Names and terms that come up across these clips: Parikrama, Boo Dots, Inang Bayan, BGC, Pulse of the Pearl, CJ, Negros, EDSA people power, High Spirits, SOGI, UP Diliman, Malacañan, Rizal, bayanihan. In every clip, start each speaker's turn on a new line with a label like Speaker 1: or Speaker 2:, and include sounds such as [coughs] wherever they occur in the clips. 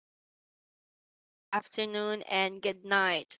Speaker 1: Good morning, good afternoon, and good night.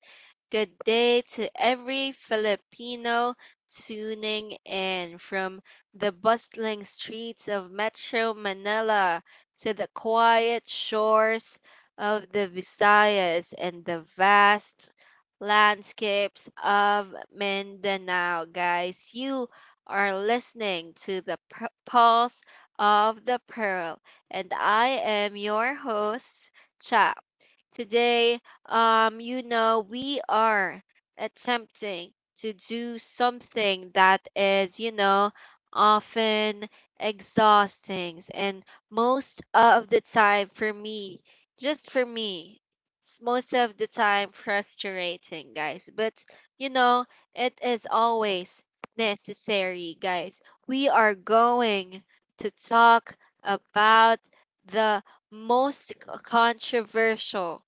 Speaker 1: Good day to every Filipino tuning in from the bustling streets of Metro Manila to the quiet shores of the Visayas and the vast landscapes of Mindanao. Guys, you are listening to the Pulse of the Pearl, and I am your host, Chap. Today, we are attempting to do something that is, often exhausting. And most of the time, for me, just for me, it's most of the time frustrating, guys. But, you know, it is always necessary, guys. We are going to talk about the most controversial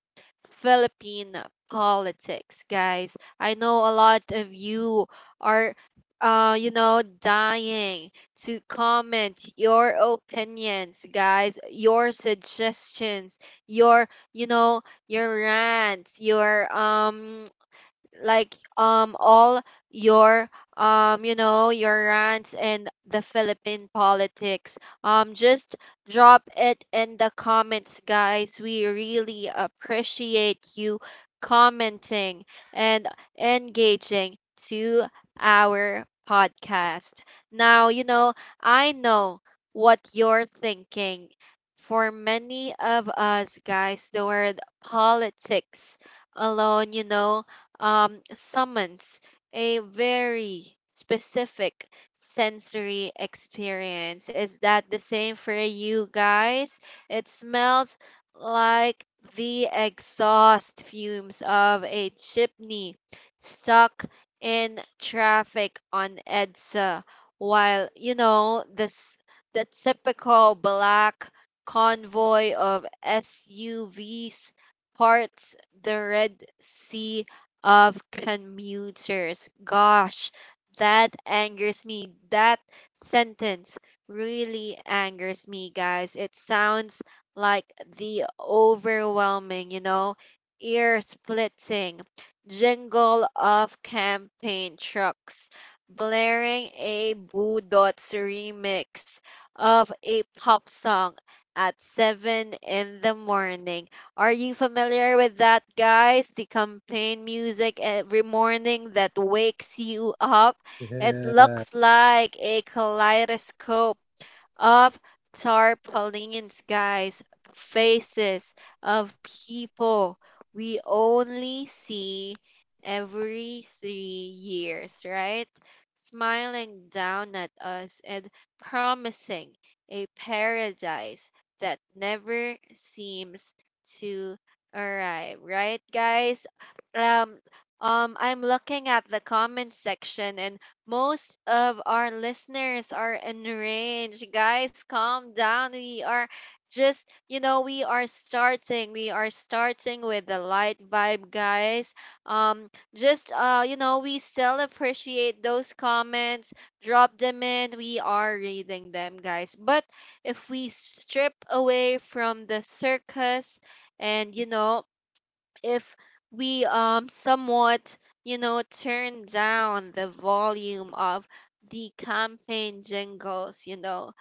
Speaker 1: Philippine politics, guys. I know a lot of you are, dying to comment your opinions, guys, your suggestions, your, you know, your rants, your like all your you know your rants and the Philippine politics. Just drop it in the comments, guys. We really appreciate you commenting and engaging to our podcast. Now, I know what you're thinking. For many of us, guys, the word politics alone, summons a very specific sensory experience. Is that the same for you, guys? It smells like the exhaust fumes of a chimney stuck in traffic on EDSA, while you know this the typical black convoy of SUVs parts the Red Sea of commuters. Gosh, that angers me. That sentence really angers me, guys. It sounds like the overwhelming, ear splitting jingle of campaign trucks blaring a Boo Dots remix of a pop song at 7 in the morning. Are you familiar with that, guys? The campaign music every morning that wakes you up. It looks
Speaker 2: Yeah.
Speaker 1: like a kaleidoscope of tarpaulins, guys, faces of people we only see every 3 years, right? Smiling down at us and promising a paradise that never seems to arrive, right, guys? Um, I'm looking at the comment section, and most of our listeners are enraged. Guys, calm down. We are starting. We are starting with the light vibe, guys. Um, just, we still appreciate those comments. Drop them in. We are reading them, guys. But if we strip away from the circus and if we somewhat turn down the volume of the campaign jingles you know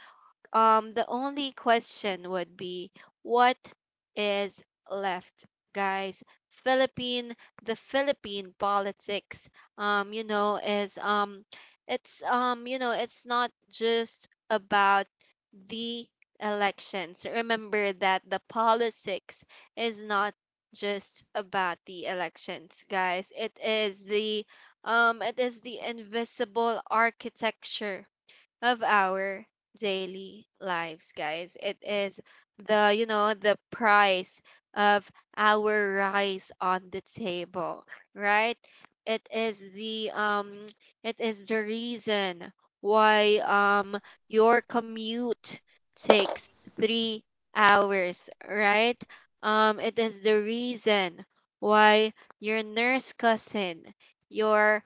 Speaker 1: um, the only question would be, what is left, guys? Philippine, the Philippine politics, you know, is it's you know, it's not just about the elections. Remember that the politics is not just about the elections, guys. It is the invisible architecture of our daily lives, guys. It is the price of our rice on the table, right? It is the [tsk] it is the reason why your commute takes 3 hours, right? It is the reason why your nurse cousin, your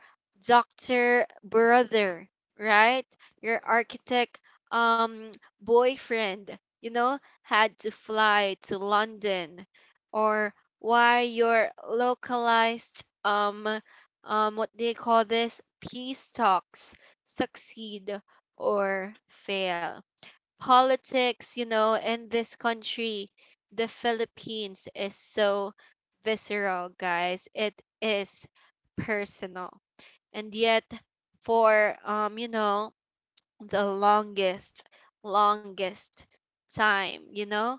Speaker 1: doctor brother, right, your architect um boyfriend, had to fly to London, or why your localized what do you call this, peace talks succeed or fail. Politics, in this country, the Philippines, is so visceral, guys. It is personal. And yet for the longest, longest time?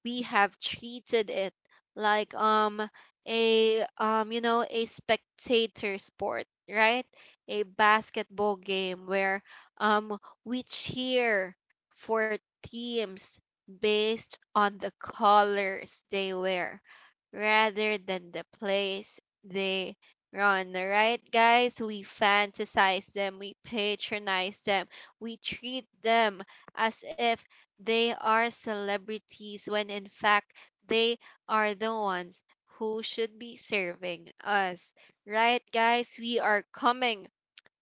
Speaker 1: We have treated it like a you know a spectator sport, right? A basketball game where um we cheer for teams based on the colors they wear rather than the place they run, right, guys? We fantasize them, we patronize them, we treat them as if they are celebrities, when in fact they are the ones who should be serving us. Right, guys? We are coming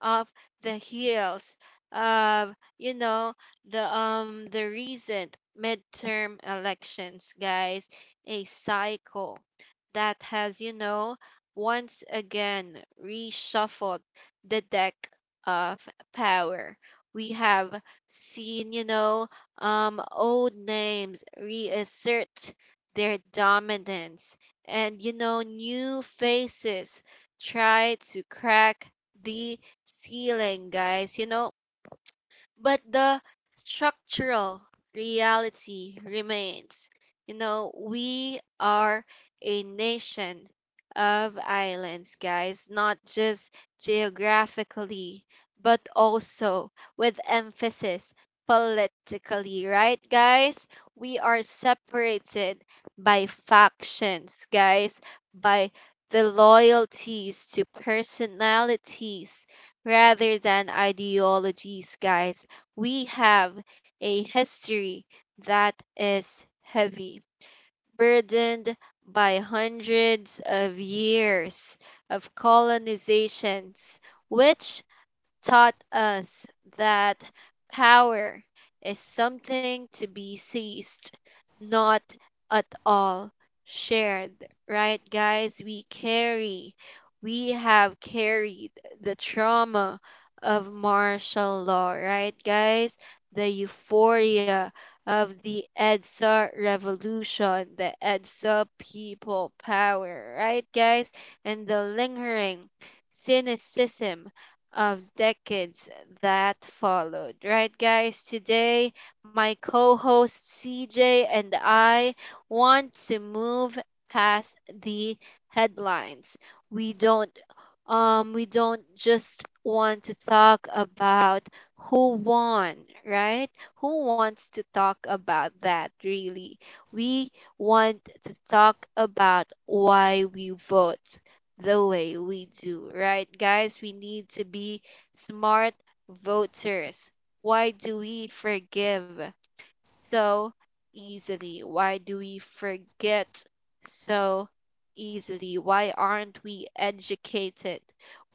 Speaker 1: of the heels of the recent midterm elections, guys, a cycle that has once again reshuffled the deck of power. We have seen old names reassert their dominance, and new faces try to crack the healing, guys. But the structural reality remains. We are a nation of islands, guys, not just geographically, but also with emphasis politically, right, guys? We are separated by factions, guys, by the loyalties to personalities rather than ideologies, guys. We have a history that is heavy, burdened by hundreds of years of colonizations, which taught us that power is something to be seized, not at all shared. Right, guys? We have carried the trauma of martial law, right, guys? The euphoria of the EDSA revolution, the EDSA people power, right, guys? And the lingering cynicism of decades that followed. Right, guys? Today, my co host CJ and I want to move past the headlines. We don't we don't just want to talk about who won, right? Who wants to talk about that, really? We want to talk about why we vote the way we do, right? Guys, we need to be smart voters. Why do we forgive so easily? Why do we forget so easily? Why aren't we educated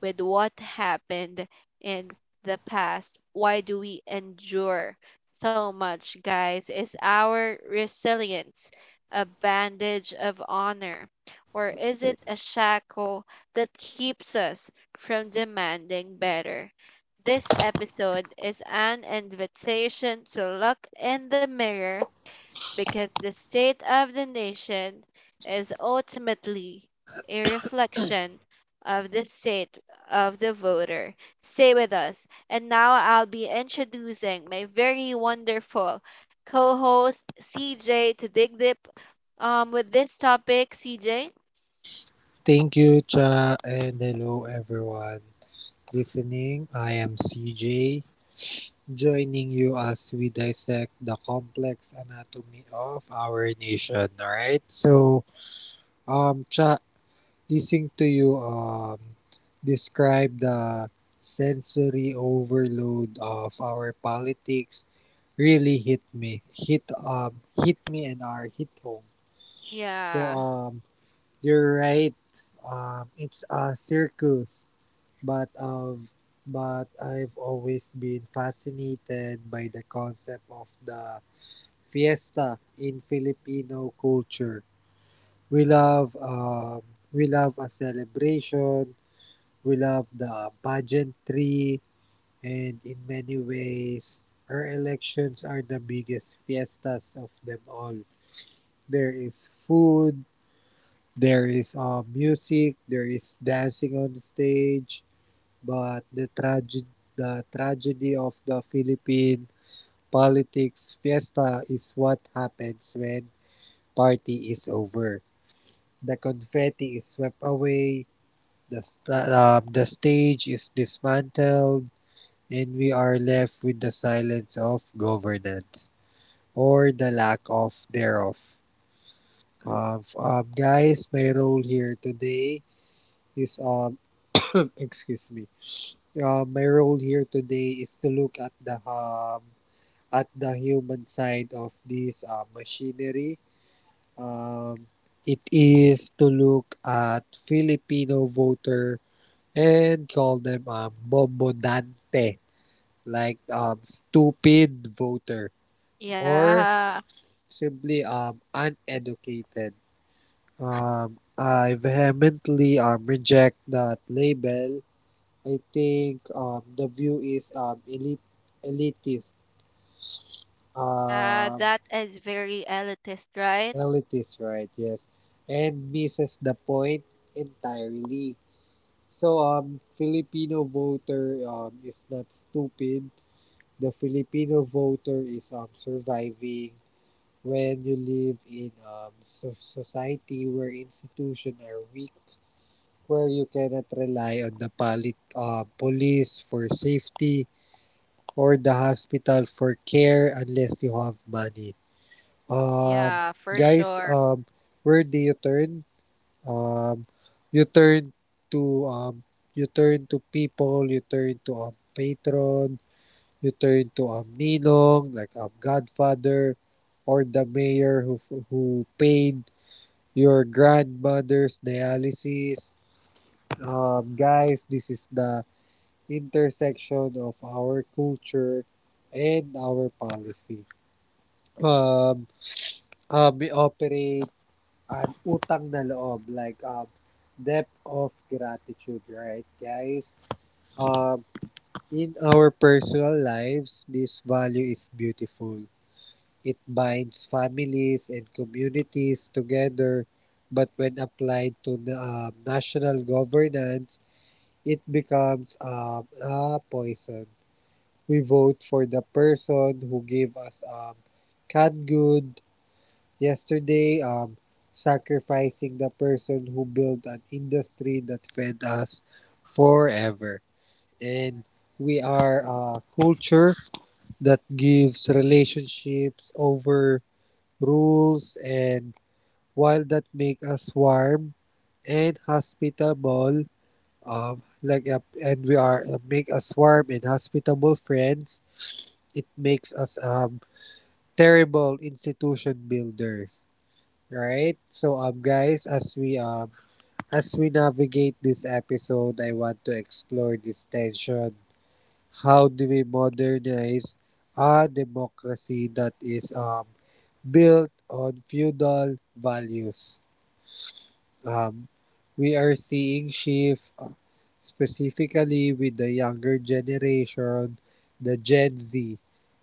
Speaker 1: with what happened in the past? Why do we endure so much, guys? Is our resilience a bandage of honor? Or is it a shackle that keeps us from demanding better? This episode is an invitation to look in the mirror, because the state of the nation is ultimately a reflection of the state of the voter. Stay with us, and now I'll be introducing my very wonderful co host CJ to dig deep with this topic. CJ?
Speaker 2: Thank you, Cha, and hello everyone listening. I am CJ, joining you as we dissect the complex anatomy of our nation. All right. So, Cha, listening to you describe the sensory overload of our politics really hit me and our hit home. so
Speaker 1: Yeah.
Speaker 2: um You're right. It's a circus, but um, but I've always been fascinated by the concept of the fiesta in Filipino culture. We love um, we love a celebration. We love the pageantry, and in many ways, our elections are the biggest fiestas of them all. There is food, there is music, there is dancing on the stage, but the tragedy of the Philippine politics fiesta is what happens when party is over. The confetti is swept away, the stage is dismantled, and we are left with the silence of governance or the lack of thereof. Guys, my role here today is [laughs] [coughs] Excuse me. My role here today is to look at the human side of this machinery. Um, it is to look at Filipino voter and call them bobodante, like stupid voter or
Speaker 1: Yeah,
Speaker 2: simply uneducated. I vehemently reject that label. I think the view is elitist,
Speaker 1: yeah,
Speaker 2: um,
Speaker 1: that is very elitist, right?
Speaker 2: elitist, right? Yes, and misses the point entirely. So, Filipino voter is not stupid. The Filipino voter is surviving. When you live in society where institutions are weak, where you cannot rely on the police for safety, or the hospital for care unless you have money. Um,
Speaker 1: Yeah, for
Speaker 2: guys,
Speaker 1: sure.
Speaker 2: where do you turn? Um, you turn to people, you turn to patron, you turn to ninong, like godfather, or the mayor who paid your grandmother's dialysis. Guys, this is the intersection of our culture and our policy. Um, we operate an utang na loob, like debt of gratitude, right, guys? Um, in our personal lives, this value is beautiful. It binds families and communities together, but when applied to national governance, it becomes a poison. We vote for the person who gave us canned good yesterday, sacrificing the person who built an industry that fed us forever. And we are a culture that gives relationships over rules, and while that make us warm and hospitable like and we are make us warm and hospitable friends, it makes us terrible institution builders. Right? So, guys, as we as we navigate this episode, I want to explore this tension. How do we modernize a democracy that is built on feudal values? um, we are seeing shift, specifically with the younger generation, the Gen Z,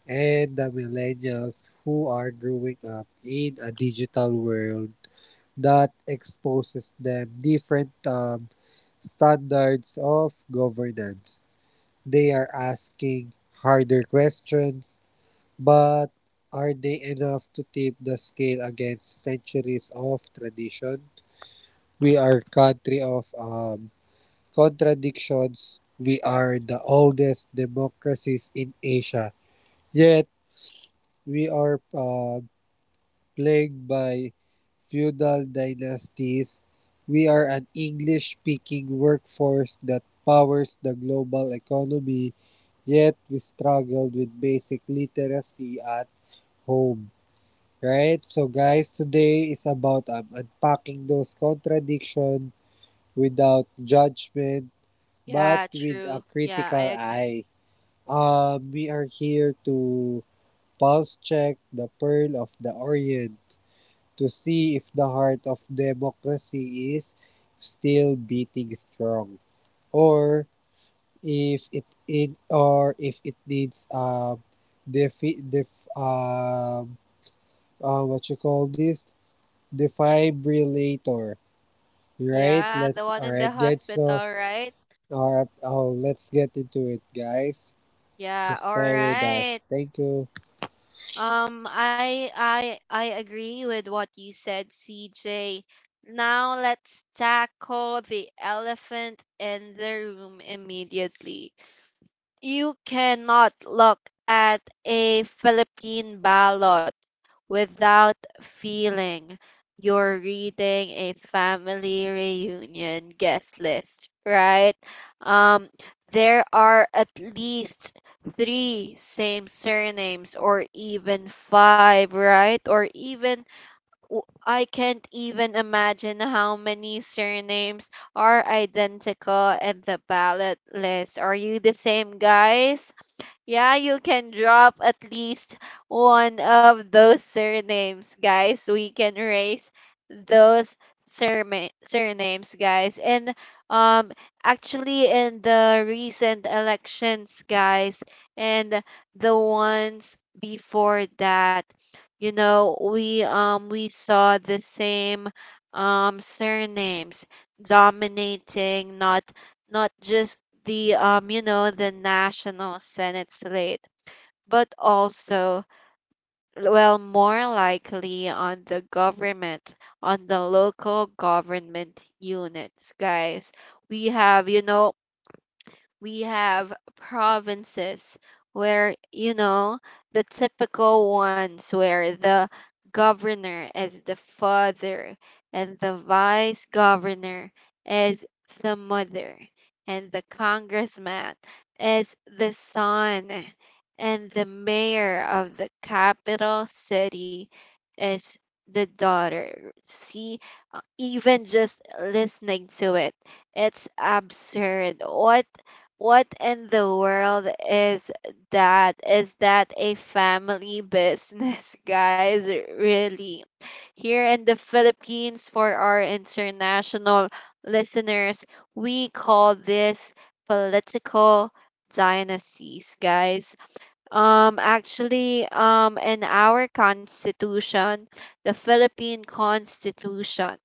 Speaker 2: and the millennials who are growing up in a digital world that exposes them different standards of governance. They are asking harder questions, but are they enough to tip the scale against centuries of tradition? We are country of contradictions. We are the oldest democracies in Asia. Yet we are plagued by feudal dynasties. We are an English-speaking workforce that powers the global economy. Yet we struggled with basic literacy at home. Right? So, guys, today is about unpacking those contradictions without judgment, but
Speaker 1: Yeah,
Speaker 2: with a
Speaker 1: true. Yeah, I
Speaker 2: critical
Speaker 1: agree.
Speaker 2: eye. We are here to pulse check the pearl of the Orient to see if the heart of democracy is still beating strong, or if it needs defi- def um what you call this defibrillator, right?
Speaker 1: Yeah, the
Speaker 2: Let's
Speaker 1: one
Speaker 2: All
Speaker 1: in
Speaker 2: right,
Speaker 1: the
Speaker 2: guys. So,
Speaker 1: hospital, right?
Speaker 2: let's get into it, guys.
Speaker 1: Yeah, all
Speaker 2: Stay with us.
Speaker 1: right.
Speaker 2: Thank you.
Speaker 1: I agree with what you said, CJ. Now let's tackle the elephant in the room immediately. You cannot look at a Philippine ballot without feeling you're reading a family reunion guest list, right? Um, there are at least three same surnames, or even five, right? Or even I can't even imagine how many surnames are identical in the ballot list. Are you the same, guys? Yeah, you can drop at least one of those surnames, guys. We can raise those surnames, guys. And um, actually, in the recent elections, guys, and the ones before that, we saw the same surnames dominating, not just the you know the national senate slate, but also, well, more likely on the local government units, guys. We have you know we have provinces where the typical ones, where the governor is the father and the vice governor is the mother, and the congressman is the son, and the mayor of the capital city is the daughter. See, even just listening to it, it's absurd. What in the world is that? Is that a family business, [laughs] guys? Really? Here in the Philippines, for our international listeners, we call this political dynasties, guys. Actually, in our constitution, the Philippine Constitution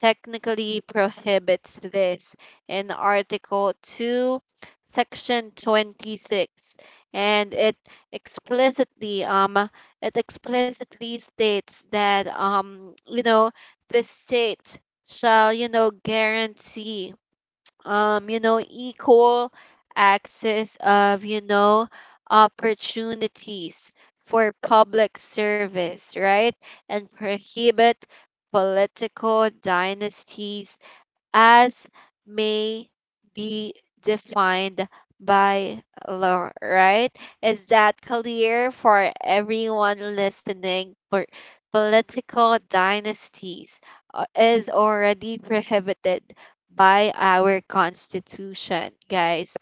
Speaker 1: technically prohibits this in Article 2, Section 26, and explicitly um it explicitly states that the state shall guarantee equal access of, opportunities for public service, right? And prohibit political dynasties as may be defined by law, right? Is that clear for everyone listening? For political dynasties is already prohibited by our constitution, guys.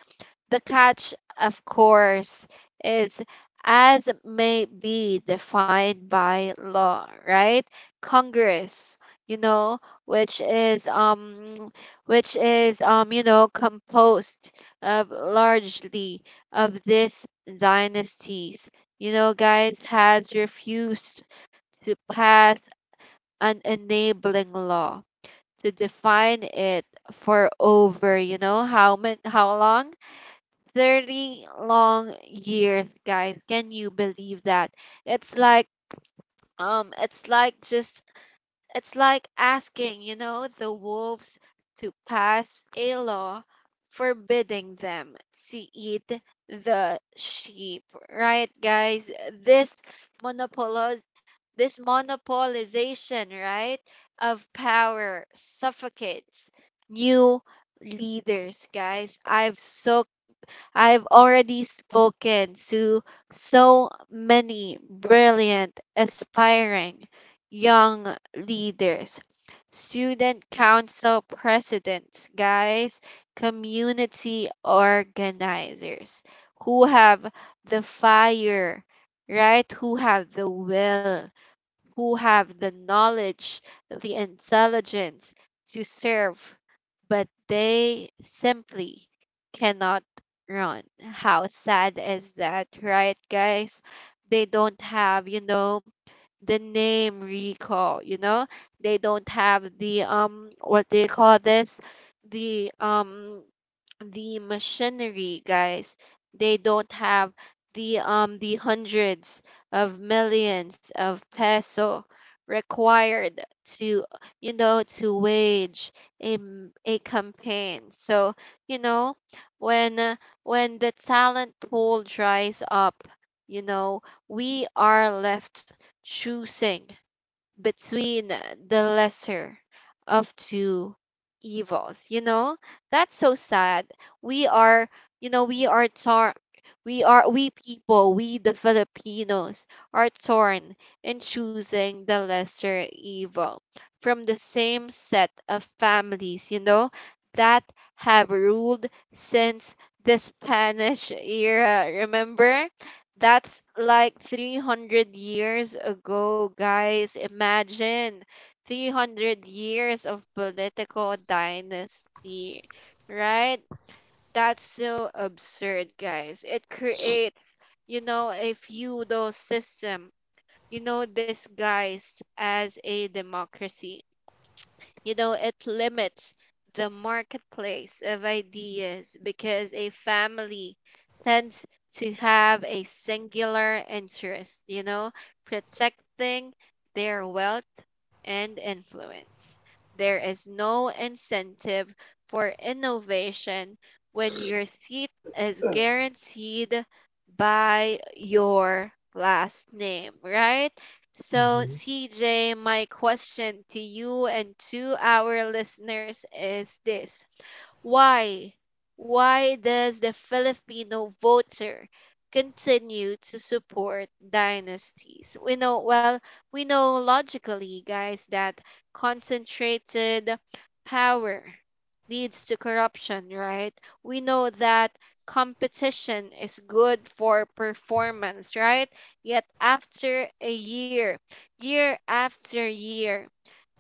Speaker 1: The catch, of course, is as may be defined by law, right? Congress, you know, which is um which is composed of largely of these dynasties. Guys, has refused to pass an enabling law to define it for over, how many, how long? 30 long years, guys. Can you believe that? It's like um it's like just it's like asking, the wolves to pass a law forbidding them to eat the sheep, right, guys? This monopolize this monopolization, right, of power suffocates new leaders, guys. I've already spoken to so many brilliant, aspiring young leaders, student council presidents, guys, community organizers who have the fire, right? Who have the will, who have the knowledge, the intelligence to serve, but they simply cannot run. How sad is that, right, guys? They don't have, the name recall? They don't have the what do you call this? The um the machinery, guys, they don't have the hundreds of millions of peso required to you know to wage a campaign. So, you know when uh, when the talent pool dries up, you know we are left choosing between the lesser of two evils, that's so sad. We are you know we are torn, we the Filipinos are torn in choosing the lesser evil from the same set of families, that have ruled since the Spanish era. Remember, that's like 300 years ago, guys. Imagine 300 years of political dynasty, right? That's so absurd, guys. It creates a feudal system, disguised as a democracy. It limits the marketplace of ideas because a family tends to have a singular interest, protecting their wealth and influence. There is no incentive for innovation when your seat is guaranteed by your last name, right? So,
Speaker 2: Mhm.
Speaker 1: CJ, my question to you and to our listeners is this: why? Why does the Filipino voter continue to support dynasties? We know, well, we know logically, guys, that concentrated power leads to corruption, right? We know that competition is good for performance, right? Yet after a year, year after year,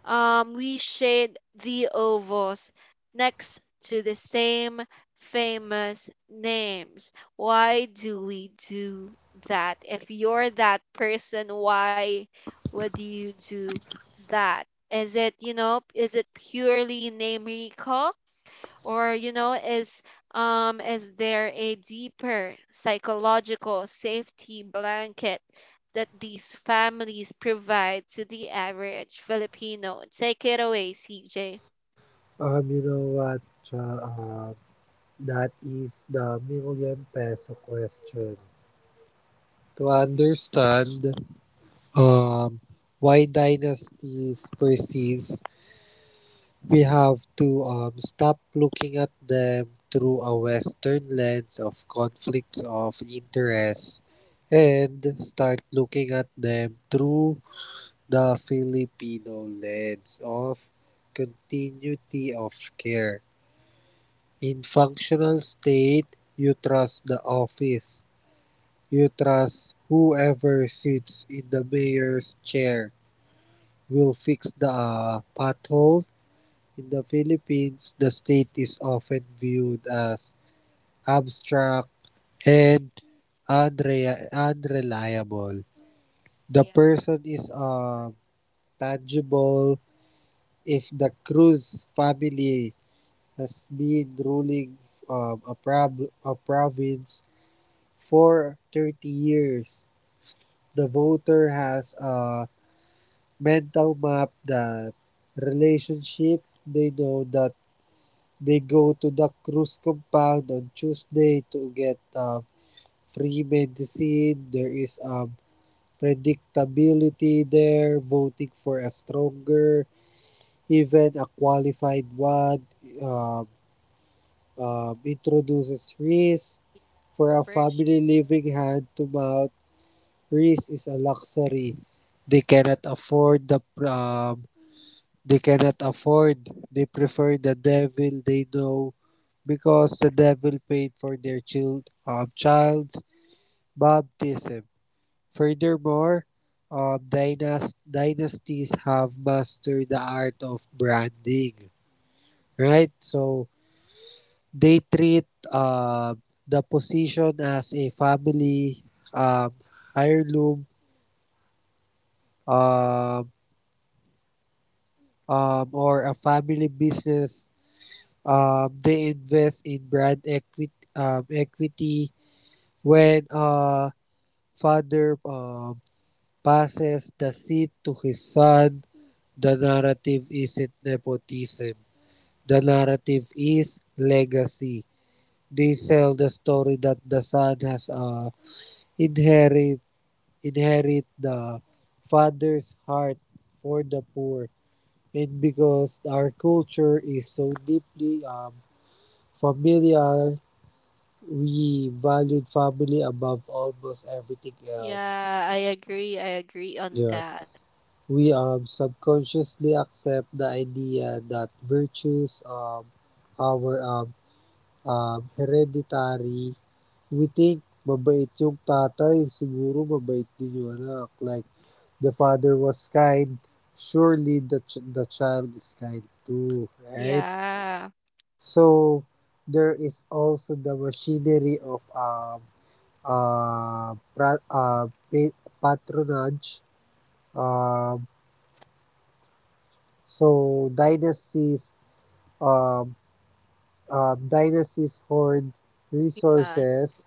Speaker 1: we shared the ovals next to the same famous names. Why do we do that? If you're that person, why would you do that? Is it purely name recall? Or is there a deeper psychological safety blanket that these families provide to the average Filipino? Take it away, CJ.
Speaker 2: You know what, Cha, that is the million peso question. To understand um, why dynasties persist, we have to stop looking at them through a Western lens of conflicts of interest and start looking at them through the Filipino lens of continuity of care. In functional state, you trust the office. You trust whoever sits in the mayor's chair will fix the pothole. In the Philippines, the state is often viewed as abstract and unreliable. The
Speaker 1: Yeah,
Speaker 2: person is tangible if the Cruz family has been ruling a province for 30 years. The voter has a mental map that relationship. They know that they go to the Cruz compound on Tuesday to get free medicine. There is predictability there, voting for a stronger, even a qualified one. Um, introduces risk.
Speaker 1: agree.
Speaker 2: For a
Speaker 1: For sure.
Speaker 2: family living hand to mouth, rice is a luxury. They cannot afford the pr- um, they cannot afford. They prefer the devil they know because the devil paid for their child's baptism. Furthermore, dynasties have mastered the art of branding. Right? So they treat uh, the position as a family um, heirloom, um, or a family business. They invest in brand equity when father passes the seat to his son. The narrative isn't nepotism. The narrative is legacy. They sell the story that the son has inherited inherit the father's heart for the poor. And because our culture is so deeply familial, we valued family above almost everything else.
Speaker 1: Yeah, I agree. I agree on
Speaker 2: Yeah.
Speaker 1: that.
Speaker 2: We subconsciously accept the idea that virtues our hereditary. We think, mabait yung tatay, siguro mabait din yung anak. Like, the father was kind, surely the child is kind too, right?
Speaker 1: Yeah.
Speaker 2: So there is also the machinery of uh, pra- uh, pa- patronage. Um, so um, dynasties hoard
Speaker 1: Yeah.
Speaker 2: resources.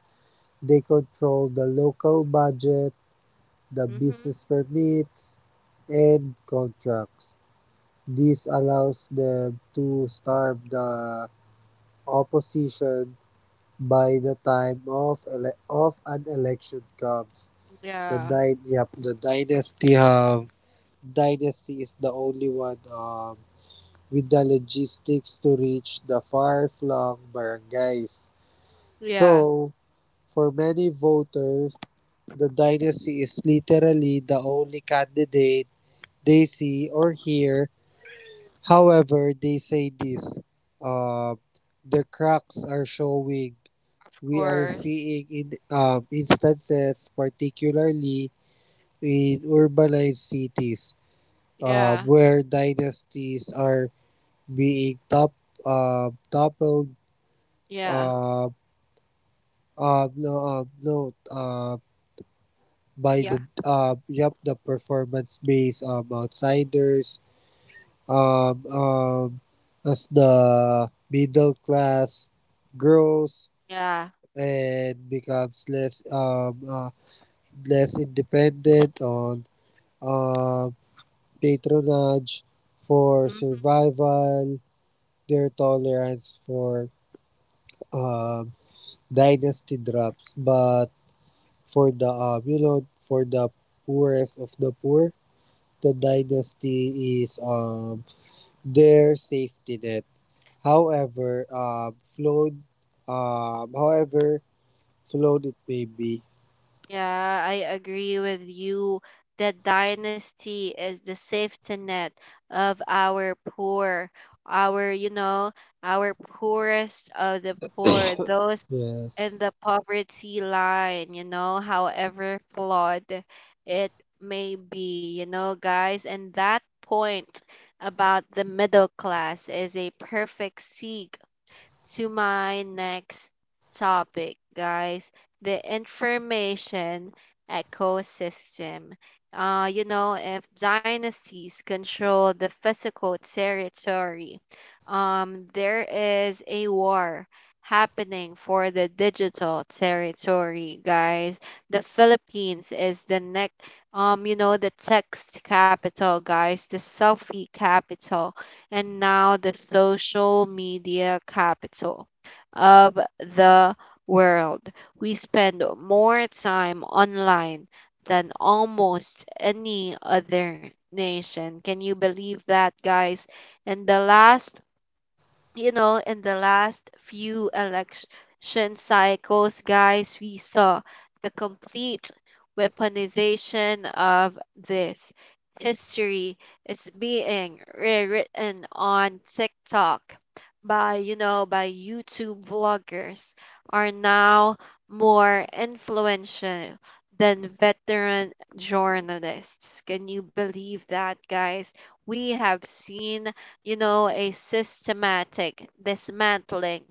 Speaker 2: They control the local budget, the
Speaker 1: Mm-hmm.
Speaker 2: business permits, and contracts. This allows them to starve the opposition by the time of of an election comes. The
Speaker 1: Yeah.
Speaker 2: dy- yep, the dynasty dynasty is the only one with the logistics to reach the far-flung barangays.
Speaker 1: Yeah.
Speaker 2: So, for many voters, the dynasty is literally the only candidate they see or hear. However, they say this, uh, the cracks are showing.
Speaker 1: Of
Speaker 2: We are
Speaker 1: course.
Speaker 2: seeing in instances, particularly in urbanized cities,
Speaker 1: Yeah.
Speaker 2: where dynasties are being toppled.
Speaker 1: Yeah.
Speaker 2: Uh, no, no, by the
Speaker 1: Yeah.
Speaker 2: uh, yup, the performance-based outsiders, um, um, as the middle class grows
Speaker 1: Yeah.
Speaker 2: and becomes less independent on um, patronage for
Speaker 1: Mm-hmm.
Speaker 2: survival, their tolerance for um, dynasty drops. But for the you know for the poorest of the poor, the dynasty is their safety net. However, uh, flawed, however flawed it may be.
Speaker 1: Yeah, I agree with you that dynasty is the safety net of our poor, our, you know, our poorest of the poor, those
Speaker 2: Yes.
Speaker 1: in the poverty line, however flawed it may be, guys. And that point about the middle class is a perfect segue to my next topic, guys, the information ecosystem. If dynasties control the physical territory, there is a war happening for the digital territory, guys. The Philippines is the next, the text capital, guys, the selfie capital, and now the social media capital of the world. We spend more time online than almost any other nation. Can you believe that, guys? And the last you know, in the last few election cycles, guys, we saw the complete weaponization of this. History is being rewritten on TikTok by YouTube vloggers are now more influential than veteran journalists. Can you believe that, guys? We have seen a systematic dismantling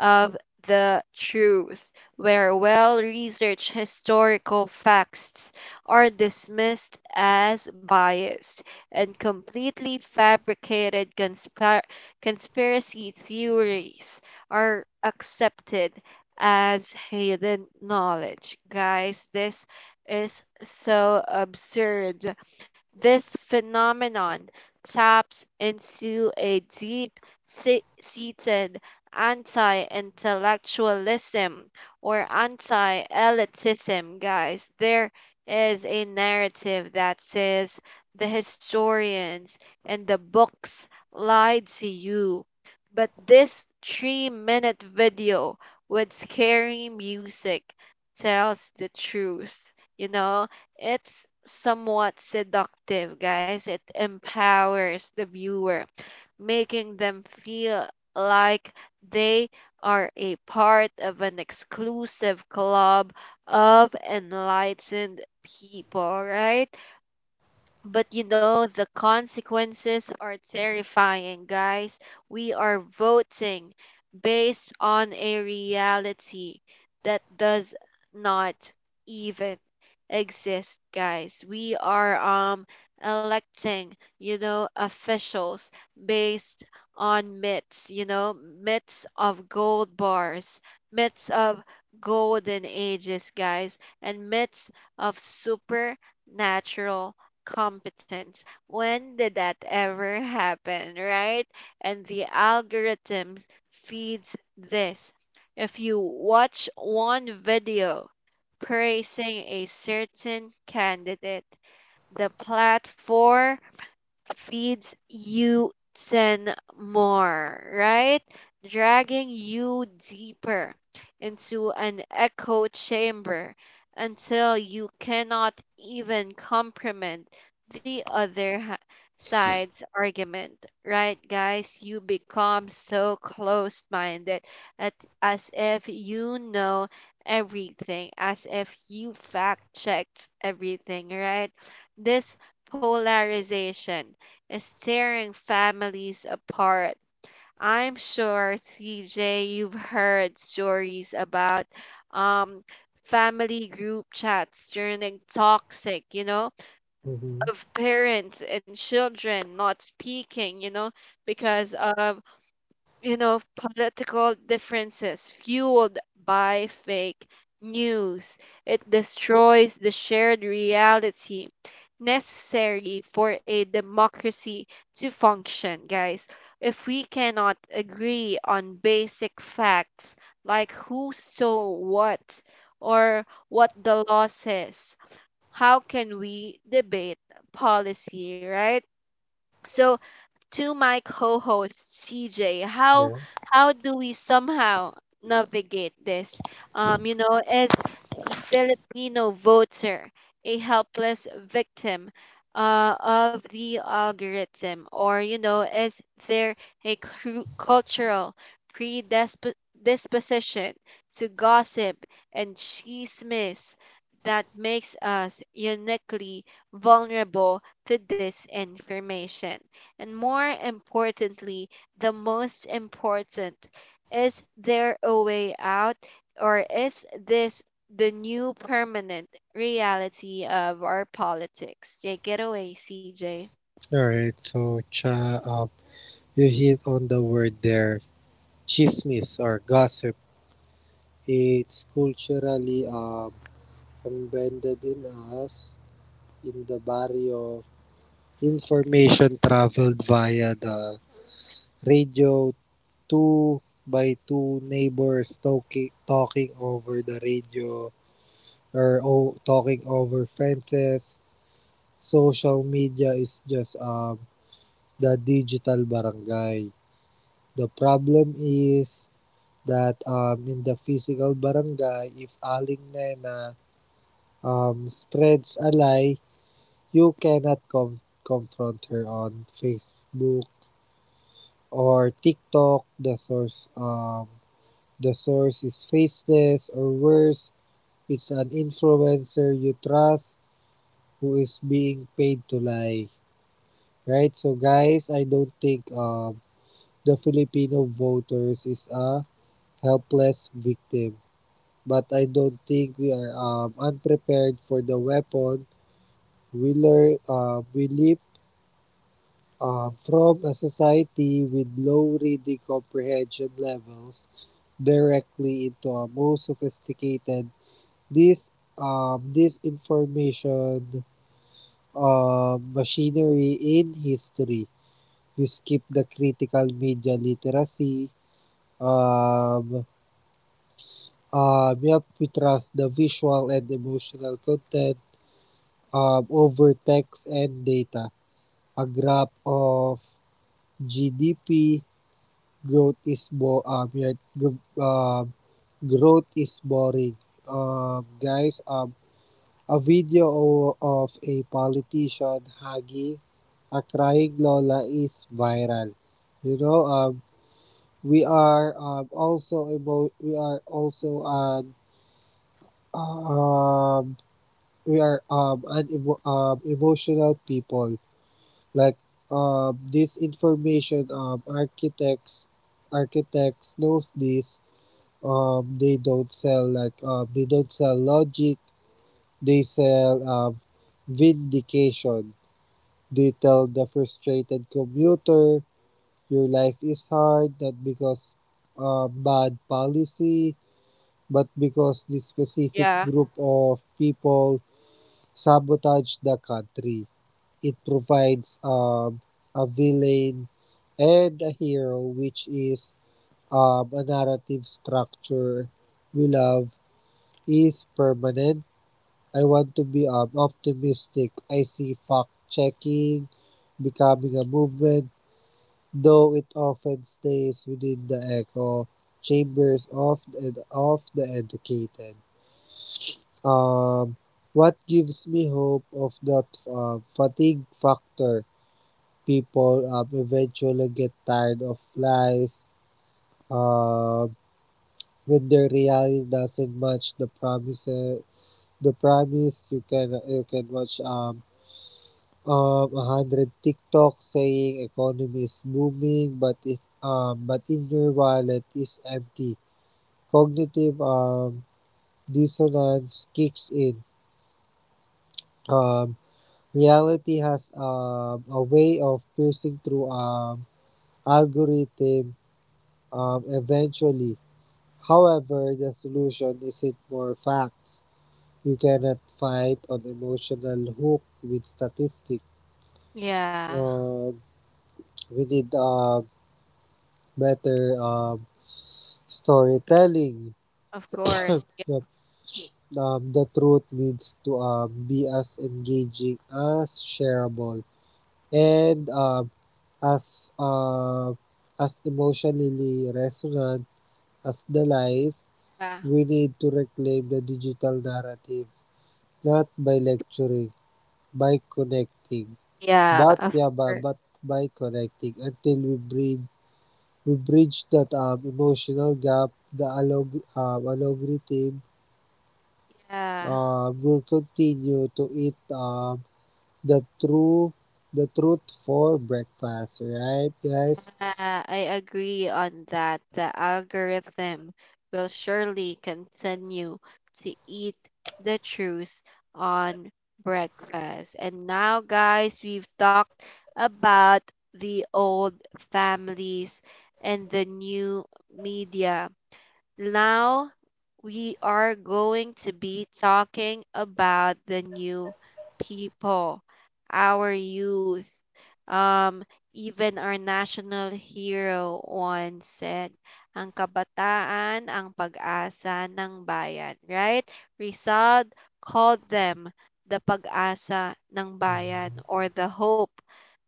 Speaker 1: of the truth, where well researched historical facts are dismissed as biased and completely fabricated conspiracy theories are accepted as hidden knowledge. Guys, this is so absurd. This phenomenon taps into a deep seated anti intellectualism or anti elitism, guys. There is a narrative that says the historians and the books lied to you. But this 3-minute video with scary music tells the truth, you know? It's somewhat seductive, guys. It empowers the viewer, making them feel like they are a part of an exclusive club of enlightened people, right? But the consequences are terrifying, guys. We are voting based on a reality that does not even exist, guys. We are electing officials based on myths, myths of gold bars, myths of golden ages, guys, and myths of supernatural competence. When did that ever happen, right? And the algorithm feeds this. If you watch one video praising a certain candidate, the platform feeds you 10 more, right? Dragging you deeper into an echo chamber until you cannot even comprehend the other side's argument, right, guys? You become so closed minded at as if you know everything, as if you fact checked everything, right? This polarization is tearing families apart. I'm sure, CJ, you've heard stories about um, family group chats turning toxic, you know,
Speaker 2: Mm-hmm.
Speaker 1: of parents and children not speaking, because of political differences fueled by fake news. It destroys the shared reality necessary for a democracy to function, guys. If we cannot agree on basic facts like who stole what or what the law says, how can we debate policy, right? So, to my co-host, CJ. How
Speaker 2: Yeah.
Speaker 1: how do we somehow navigate this? Is the Filipino voter a helpless victim of the algorithm, or is there a cultural predisposition to gossip and chismis that makes us uniquely vulnerable to disinformation? And more importantly, the most important, is there a way out or is this the new permanent reality of our politics? Take it away, CJ.
Speaker 2: All right. So, Cha, you hit on the word there, chismis or gossip. It's culturally embedded in us in the body of information traveled via the radio, two by two neighbors talking over the radio or o talking over fences. Social media is just the digital barangay. The problem is that in the physical barangay, if Aling Nena spreads a lie, you cannot confront her on Facebook or TikTok. The source is faceless or worse, it's an influencer you trust who is being paid to lie. Right? So, guys, I don't think the Filipino voters is a helpless victim, but I don't think we are unprepared for the weapon. We live from a society with low reading comprehension levels directly into a more sophisticated this this information machinery in history. We skip the critical media literacy. Um, yep, we trust the visual and emotional content over text and data. A graph of GDP growth is boring. Guys, a video of a politician hugging a crying Lola is viral. You know, we are um, also emo- we are also an um we are an emotional people. Like this information, architects knows this. They don't sell logic. They sell vindication. They tell the frustrated commuter your life is hard not because bad policy, but because this specific
Speaker 1: Yeah.
Speaker 2: group of people sabotage the country. It provides a villain and a hero, which is a narrative structure we love, is permanent. I want to be optimistic. I see fact checking becoming a movement, though it often stays within the echo chambers of the educated. Um, what gives me hope of that fatigue factor? People eventually get tired of lies uh, when the reality doesn't match the promise. The promise you can watch 100 TikTok saying economy is booming, but it but in your wallet is empty. Cognitive dissonance kicks in. Um, reality has a way of piercing through algorithm eventually. However, the solution isn't more facts. You cannot fight on emotional hook with statistics.
Speaker 1: Yeah.
Speaker 2: Um, we need better storytelling.
Speaker 1: Of course.
Speaker 2: [coughs] Yep. The truth needs to be as engaging as shareable and as uh, as emotionally resonant as the lies.
Speaker 1: Yeah.
Speaker 2: We need to reclaim the digital narrative, not by lecturing, by connecting.
Speaker 1: Yeah,
Speaker 2: But
Speaker 1: of
Speaker 2: yeah,
Speaker 1: course.
Speaker 2: but, but by connecting until we bridge that emotional gap, the alog algorithm
Speaker 1: Yeah.
Speaker 2: will continue to eat the true the truth for breakfast, right, guys?
Speaker 1: Uh, I agree on that. The algorithm will surely continue to eat the truth on breakfast. And now, guys, we've talked about the old families and the new media. Now we are going to be talking about the new people, our youth. Um, even our national hero once said, ang kabataan ang pag-asa ng bayan, right? Rizal called them the pag-asa ng
Speaker 2: Mhm.
Speaker 1: bayan, or the hope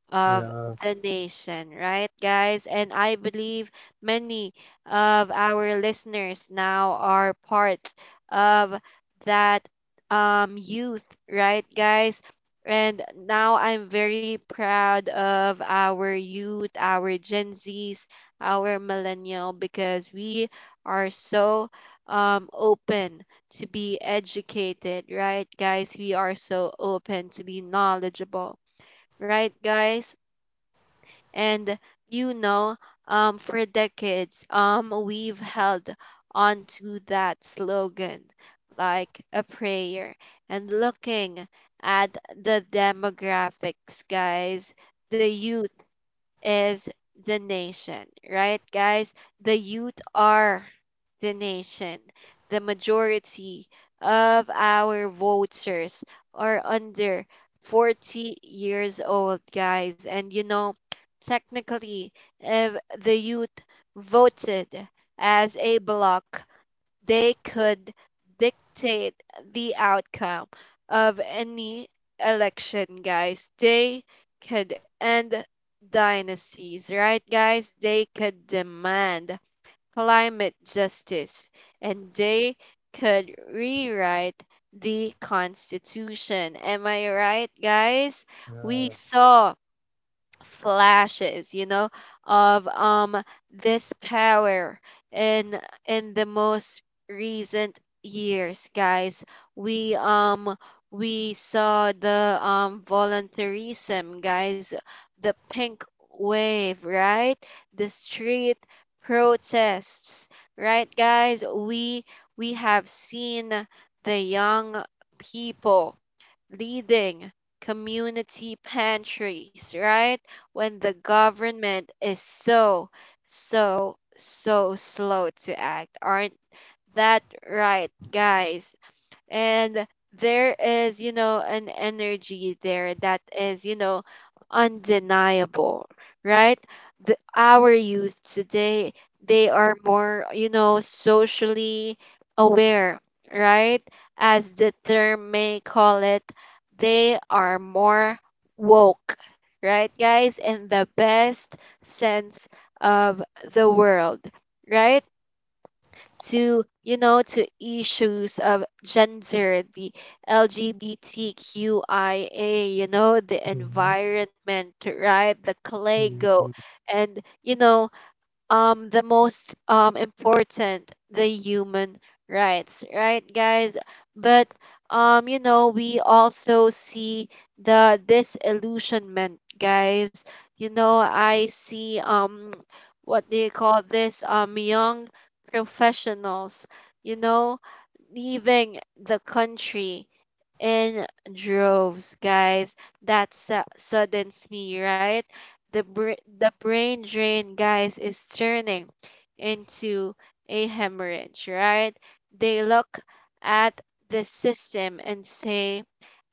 Speaker 1: of
Speaker 2: Yeah,
Speaker 1: the nation, right, guys? And I believe many of our listeners now are part of that youth, right, guys? And now I'm very proud of our youth, our Gen Zs, our millennial, because we are so open to be educated, right, guys? We are so open to be knowledgeable, right, guys? And you know, for decades, we've held on to that slogan like a prayer. And looking at the demographics, guys, the youth is the nation, right, guys? The youth are the nation. The majority of our voters are under 40 years old, guys. And technically, if the youth voted as a bloc, they could dictate the outcome of any election, guys. They could end dynasties, right, guys? They could demand climate justice, and they could rewrite the Constitution. Am I right, guys? We
Speaker 2: yeah.
Speaker 1: saw flashes of this power in in the most recent years, guys. We um we saw the voluntarism, guys, the pink wave, right, the street protests, right, guys. We have seen the young people leading community pantries, right? When the government is so, so, so slow to act. Aren't that right, guys? And there is an energy there that is undeniable, right. Our youth today, they are more socially aware, right, as the term may call it, they are more woke, right, guys, in the best sense of the world, right, to you know to issues of gender, the LGBTQIA, the
Speaker 2: Mhm,
Speaker 1: environment, right, the
Speaker 2: mhm,
Speaker 1: clego, and the most important, the human rights, right, guys. But we also see the disillusionment, guys. I see, what do you call this, young professionals you know leaving the country in droves, guys. That saddens me, right? The brain drain, guys, is turning into a hemorrhage, right? They look at the system and say,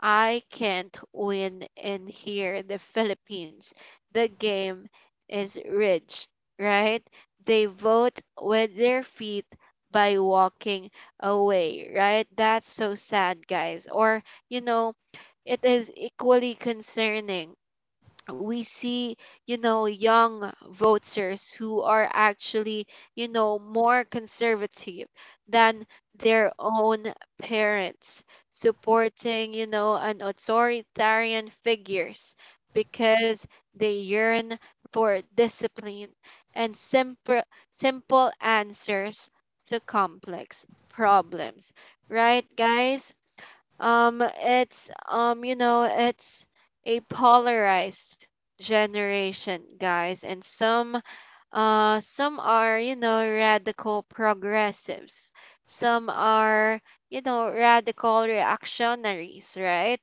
Speaker 1: "I can't win in here." The Philippines, the game is rigged, right? They vote with their feet by walking away, right? That's so sad, guys. Or, you know, it is equally concerning, we see young voters who are actually more conservative than their own parents supporting an authoritarian figures, because they yearn for discipline and simple answers to complex problems, right, guys. Um it's um you know it's a polarized generation, guys, and some are, radical progressives, some are radical reactionaries, right,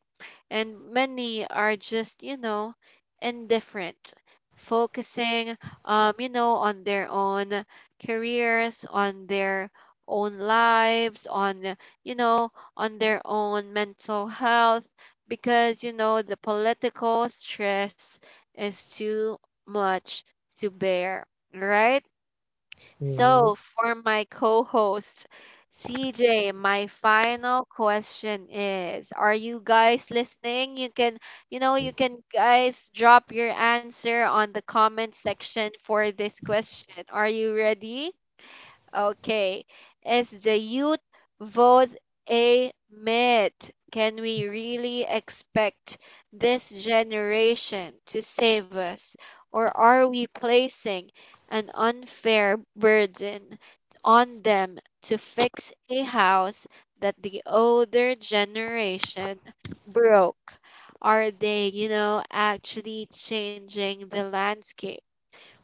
Speaker 1: and many are just indifferent, focusing on their own careers, on their own lives, you know, on their own mental health, because the political stress is too much to bear, right?
Speaker 2: mhm,
Speaker 1: So, for my co host, CJ, my final question is: are you guys listening? You can, you can guys drop your answer on the comment section for this question. Are you ready? Okay. As the youth vote a myth, can we really expect this generation to save us? Or are we placing an unfair burden on them to fix a house that the older generation broke? Are they actually changing the landscape?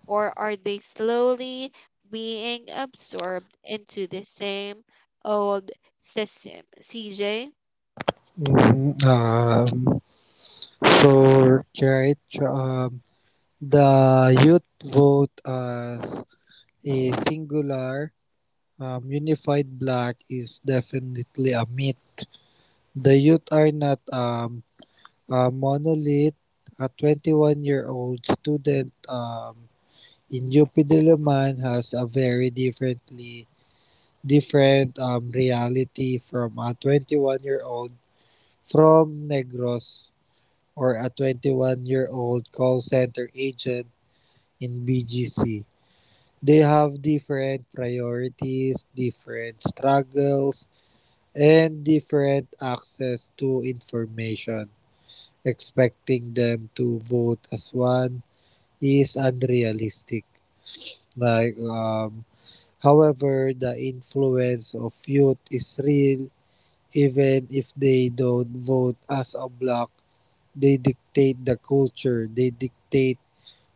Speaker 1: Or are they slowly being absorbed into the same old system? CJ?
Speaker 2: mhm. So right, um, the youth vote as a singular, unified black is definitely a myth. The youth are not a monolith. A 21-year-old student in UP Diliman has a very different reality from a 21-year-old from Negros or a 21-year-old call center agent in BGC. They have different priorities, different struggles, and different access to information. Expecting them to vote as one is unrealistic. Like, um, However, the influence of youth is real. Even if they don't vote as a bloc, they dictate the culture. They dictate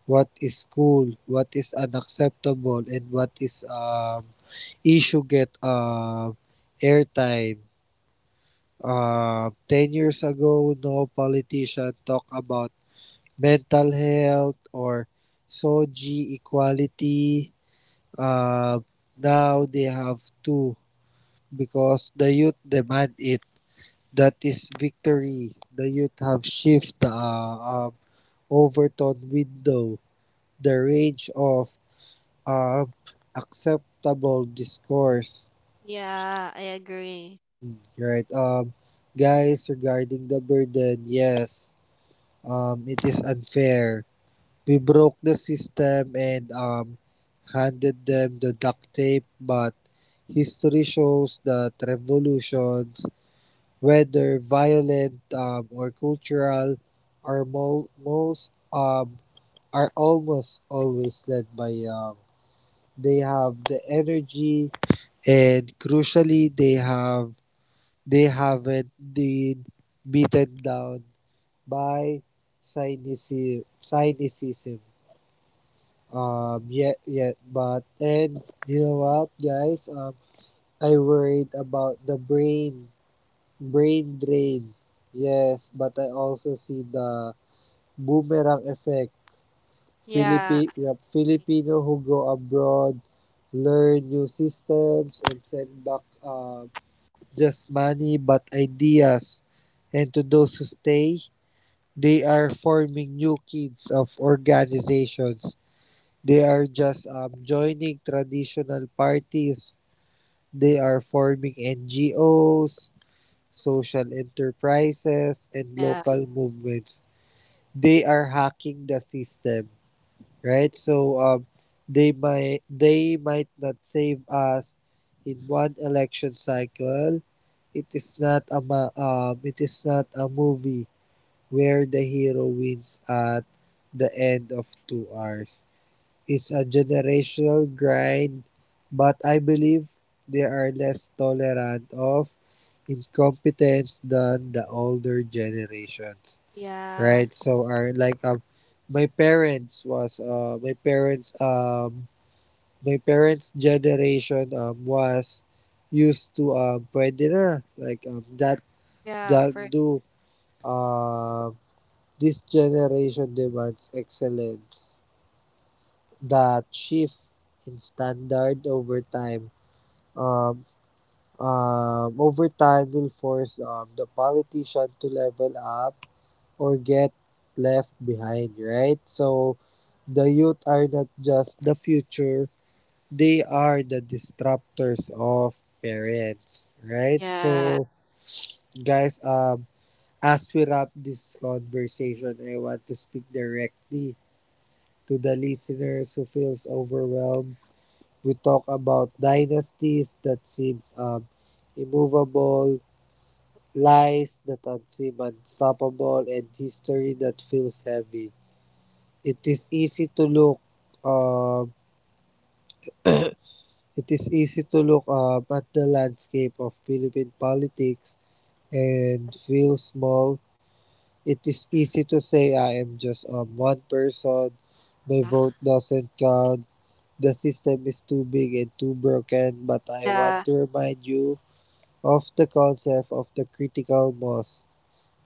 Speaker 2: what is cool, what is unacceptable, and what is issue get airtime. 10 years ago, no politician talked about mental health or SOGI equality. Uh, Now they have to because the youth demand it. That is victory. The youth have shifted the overtone window, the range of um, acceptable discourse.
Speaker 1: Yeah, I agree.
Speaker 2: Mm. Right. Guys, regarding the burden, yes, it is unfair. We broke the system and handed them the duct tape, but history shows that revolutions, whether violent or cultural, are mo- most are almost always led by young. They have the energy, and crucially, they haven't been beaten down by cynicism. Yeah, but and you know what, guys? I worried about the brain drain. Yes, but I also see the boomerang effect.
Speaker 1: Yeah,
Speaker 2: Filipino who go abroad, learn new systems, and send back just money but ideas. And to those who stay, they are forming new kids of organizations. They are just joining traditional parties. They are forming NGOs, social enterprises, and
Speaker 1: yeah.
Speaker 2: local movements. They are hacking the system, right? So they might not save us in one election cycle. It is not a it is not a movie where the hero wins at the end of 2 hours. Is a generational grind, but I believe they are less tolerant of incompetence than the older generations,
Speaker 1: Yeah,
Speaker 2: right? So are my parents was uh my parents um my parents generation was used to pwede na like that
Speaker 1: yeah,
Speaker 2: that
Speaker 1: for.
Speaker 2: do uh, this generation demands excellence. That shift in standard um, over time will force the politician to level up or get left behind, right? So the youth are not just the future, they are the disruptors of parents, right?
Speaker 1: Yeah,
Speaker 2: So guys, as we wrap this conversation, I want to speak directly to the listeners who feels overwhelmed. We talk about dynasties that seems immovable, lies that seem unstoppable, and history that feels heavy. It is easy to look um, [coughs] [clears throat] it is easy to look at the landscape of Philippine politics and feel small. It is easy to say I am just one person, my
Speaker 1: yeah,
Speaker 2: vote doesn't count, the system is too big and too broken, but I want
Speaker 1: yeah,
Speaker 2: to remind you of the concept of the critical mass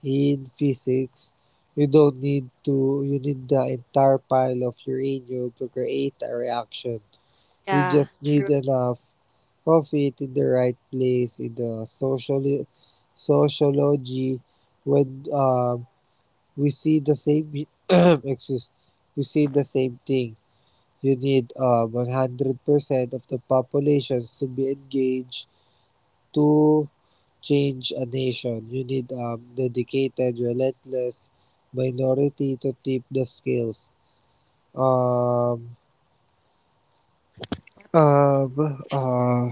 Speaker 2: in physics. You don't need to, You need the entire pile of uranium to create a reaction. You
Speaker 1: yeah,
Speaker 2: just need
Speaker 1: true.
Speaker 2: enough of it in the right place. In the social sociology when we see the same [clears throat] [coughs] excuse, we see the same thing. You need percent of the populations to be engaged to change a nation. You need dedicated, relentless minority to tip the scales. Um, um, uh,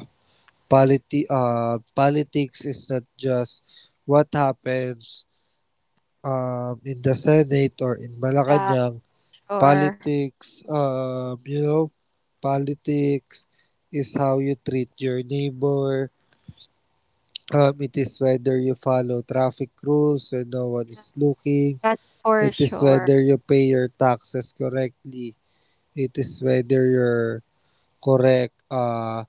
Speaker 2: Politics is not just what happens in the Senate or in
Speaker 1: Yeah,
Speaker 2: Malacanang.
Speaker 1: sure.
Speaker 2: Politics, politics is how you treat your neighbor. It is whether you follow traffic rules when no one
Speaker 1: Yeah,
Speaker 2: is looking.
Speaker 1: that's for
Speaker 2: It is
Speaker 1: sure.
Speaker 2: whether you pay your taxes correctly. It is whether you're correct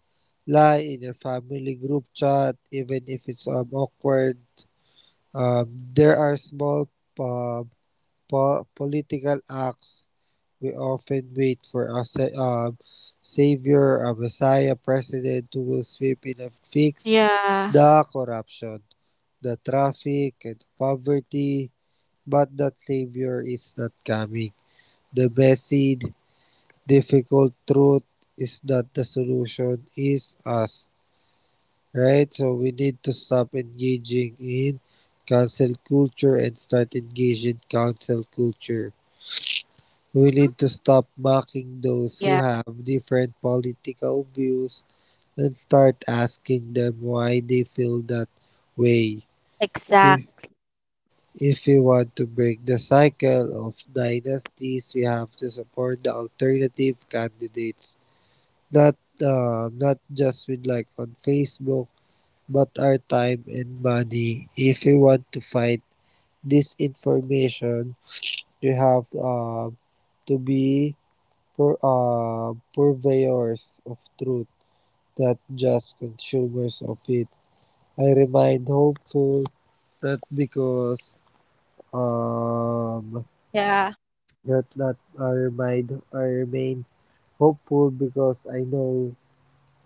Speaker 2: lie in your family group chat, even if it's awkward. There are small uh, po- political acts. We often wait for a savior, a messiah, president who will sweep in and fix
Speaker 1: Yeah,
Speaker 2: the corruption, the traffic, and poverty. But that savior is not coming. The basic difficult truth is that the solution is us, right? So we need to stop engaging in cancel culture and start engaging in council culture. We
Speaker 1: mhm,
Speaker 2: need to stop mocking those
Speaker 1: yeah,
Speaker 2: who have different political views and start asking them why they feel that way. If
Speaker 1: Exact.
Speaker 2: if we want to break the cycle of dynasties, we have to support the alternative candidates, not not just with like on Facebook, but our time and money. If you want to fight this information, you have to be purveyors of truth, not just consumers of it. I remain hopeful, not because um
Speaker 1: Yeah,
Speaker 2: not not I remain hopeful because I know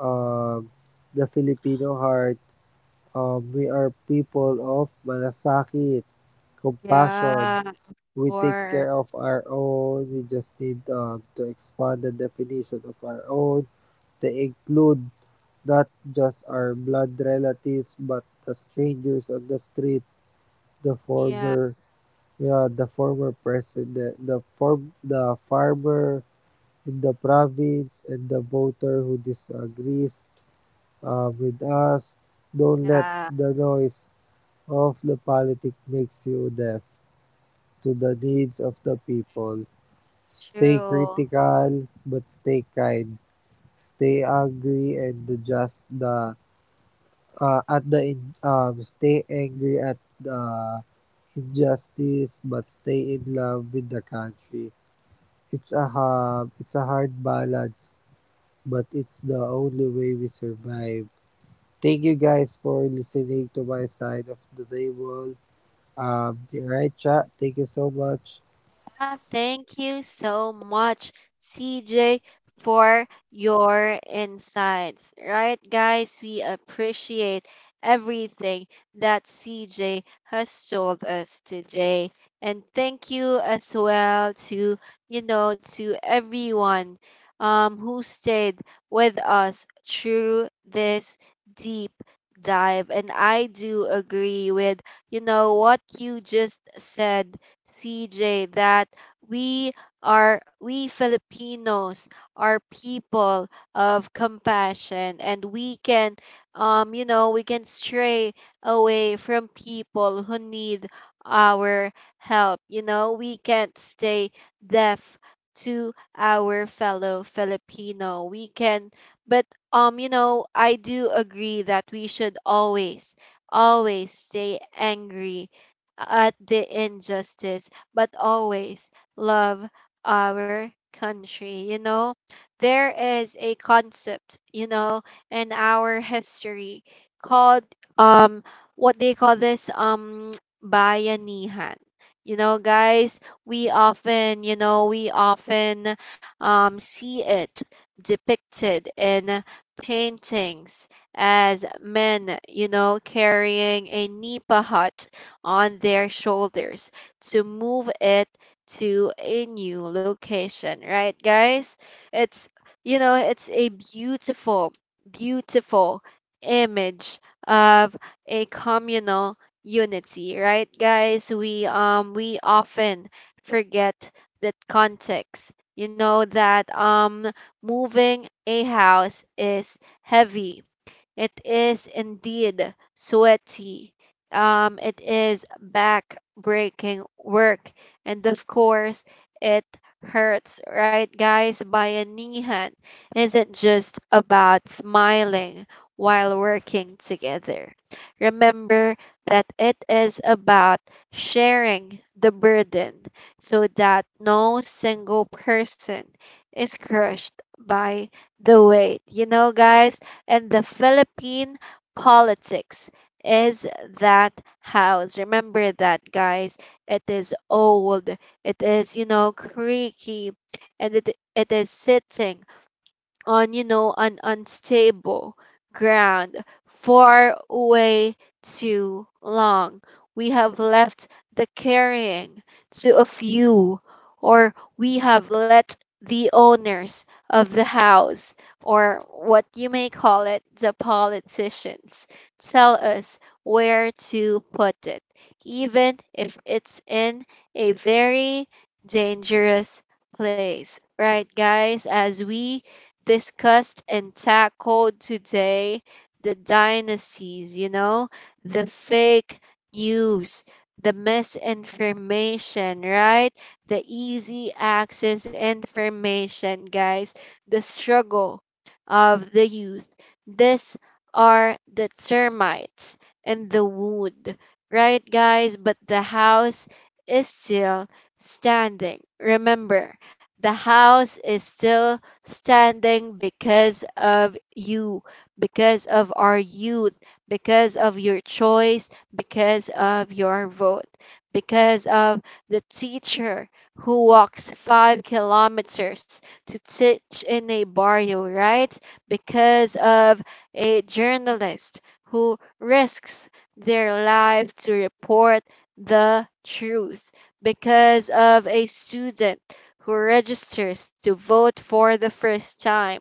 Speaker 2: um the Filipino heart. We are people of malasakit, compassion.
Speaker 1: yeah, of
Speaker 2: We take
Speaker 1: course.
Speaker 2: care of our own. We just need to expand the definition of our own to include not just our blood relatives but the strangers on the street, the
Speaker 1: Yeah,
Speaker 2: former, yeah, the former president, the farmer in the province, and the voter who disagrees with us. Don't let
Speaker 1: yeah,
Speaker 2: the noise of the politic makes you deaf to the needs of the people. Stay
Speaker 1: true.
Speaker 2: critical, but stay kind. Stay angry and the just the at the in, stay angry at the injustice, but stay in love with the country. It's a hard balance, but it's the only way we survive. Thank you guys for listening to my side of the table. All right, chat. Thank you so much.
Speaker 1: Thank you so much, CJ, for your insights. Right, guys, we appreciate everything that CJ has told us today. And thank you as well to everyone who stayed with us through this deep dive. And I do agree with what you just said, CJ, that we we Filipinos are people of compassion, and we can stray away from people who need our help. We can't stay deaf to our fellow Filipino. We can, but I do agree that we should always, always stay angry at the injustice, but always love our country. There is a concept, in our history called um what they call this [tsk] bayanihan. You know, guys, we often, we often see it depicted in paintings as men, you know, carrying a nipa hut on their shoulders to move it to a new location, right, guys? It's, it's a beautiful, beautiful image of a communal unity, right, guys? We often forget that context, moving a house is heavy, it is indeed sweaty. It is back breaking work. And of course, it hurts, right, guys? Bayanihan isn't just about smiling while working together. Remember that it is about sharing the burden so that no single person is crushed by the weight. You know, guys, and the Philippine politics is that house. Remember that, guys. It is old. It is, you know, creaky, and it is sitting on an unstable ground. Far way too long we have left the carrying to a few, or we have let the owners of the house, or what you may call it, the politicians, tell us where to put it, even if it's in a very dangerous place, right, guys? As we discussed and tackled today, the dynasties, you know, the fake news, the misinformation, right? The easy access information, guys, the struggle of the youth. These are the termites and the wood, right, guys? But the house is still standing. Remember, the house is still standing because of you, because of our youth, because of your choice, because of your vote, because of the teacher who walks 5 kilometers to teach in a barrio, right? Because of a journalist who risks their life to report the truth, because of a student who registers to vote for the first time,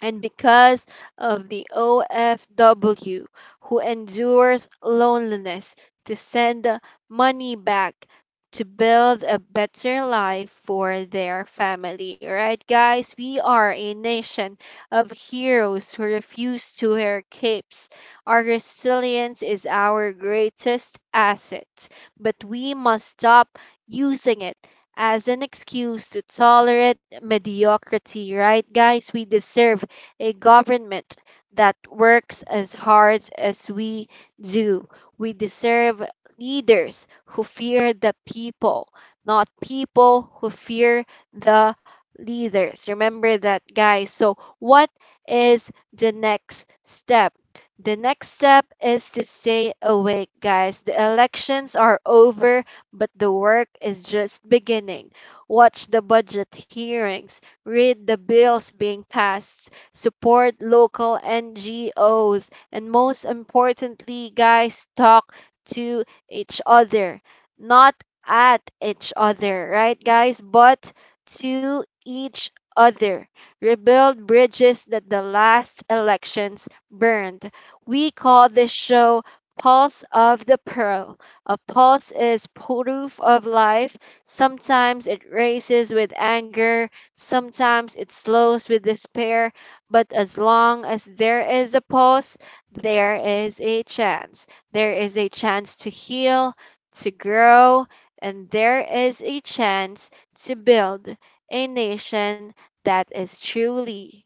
Speaker 1: and because of the OFW who endures loneliness to send money back to build a better life for their family. Right, guys? We are a nation of heroes who refuse to wear capes. Our resilience is our greatest asset, but we must stop using it as an excuse to tolerate mediocrity, right, guys? We deserve a government that works as hard as we do. We deserve leaders who fear the people, not people who fear the leaders. Remember that, guys. So, what is the next step? The next step is to stay awake, guys. The elections are over, but the work is just beginning. Watch the budget hearings, read the bills being passed, support local NGOs, and most importantly, guys, talk to each other. Not at each other, right, guys, but to each other. Rebuild bridges that the last elections burned. We call this show Pulse of the Pearl. A pulse is proof of life. Sometimes it races with anger, sometimes it slows with despair, but as long as there is a pause, there is a chance. There is a chance to heal, to grow, and there is a chance to build a nation that is truly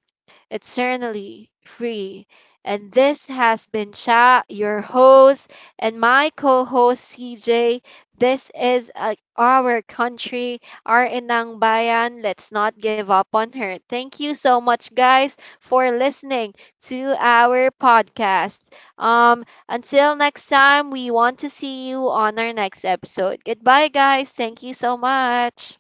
Speaker 1: eternally free. And this has been Cha, your host, and my co host CJ. This is our country, our Inang Bayan. Let's not give up on her. Thank you so much, guys, for listening to our podcast. Until next time, we want to see you on our next episode. Goodbye, guys. Thank you so much.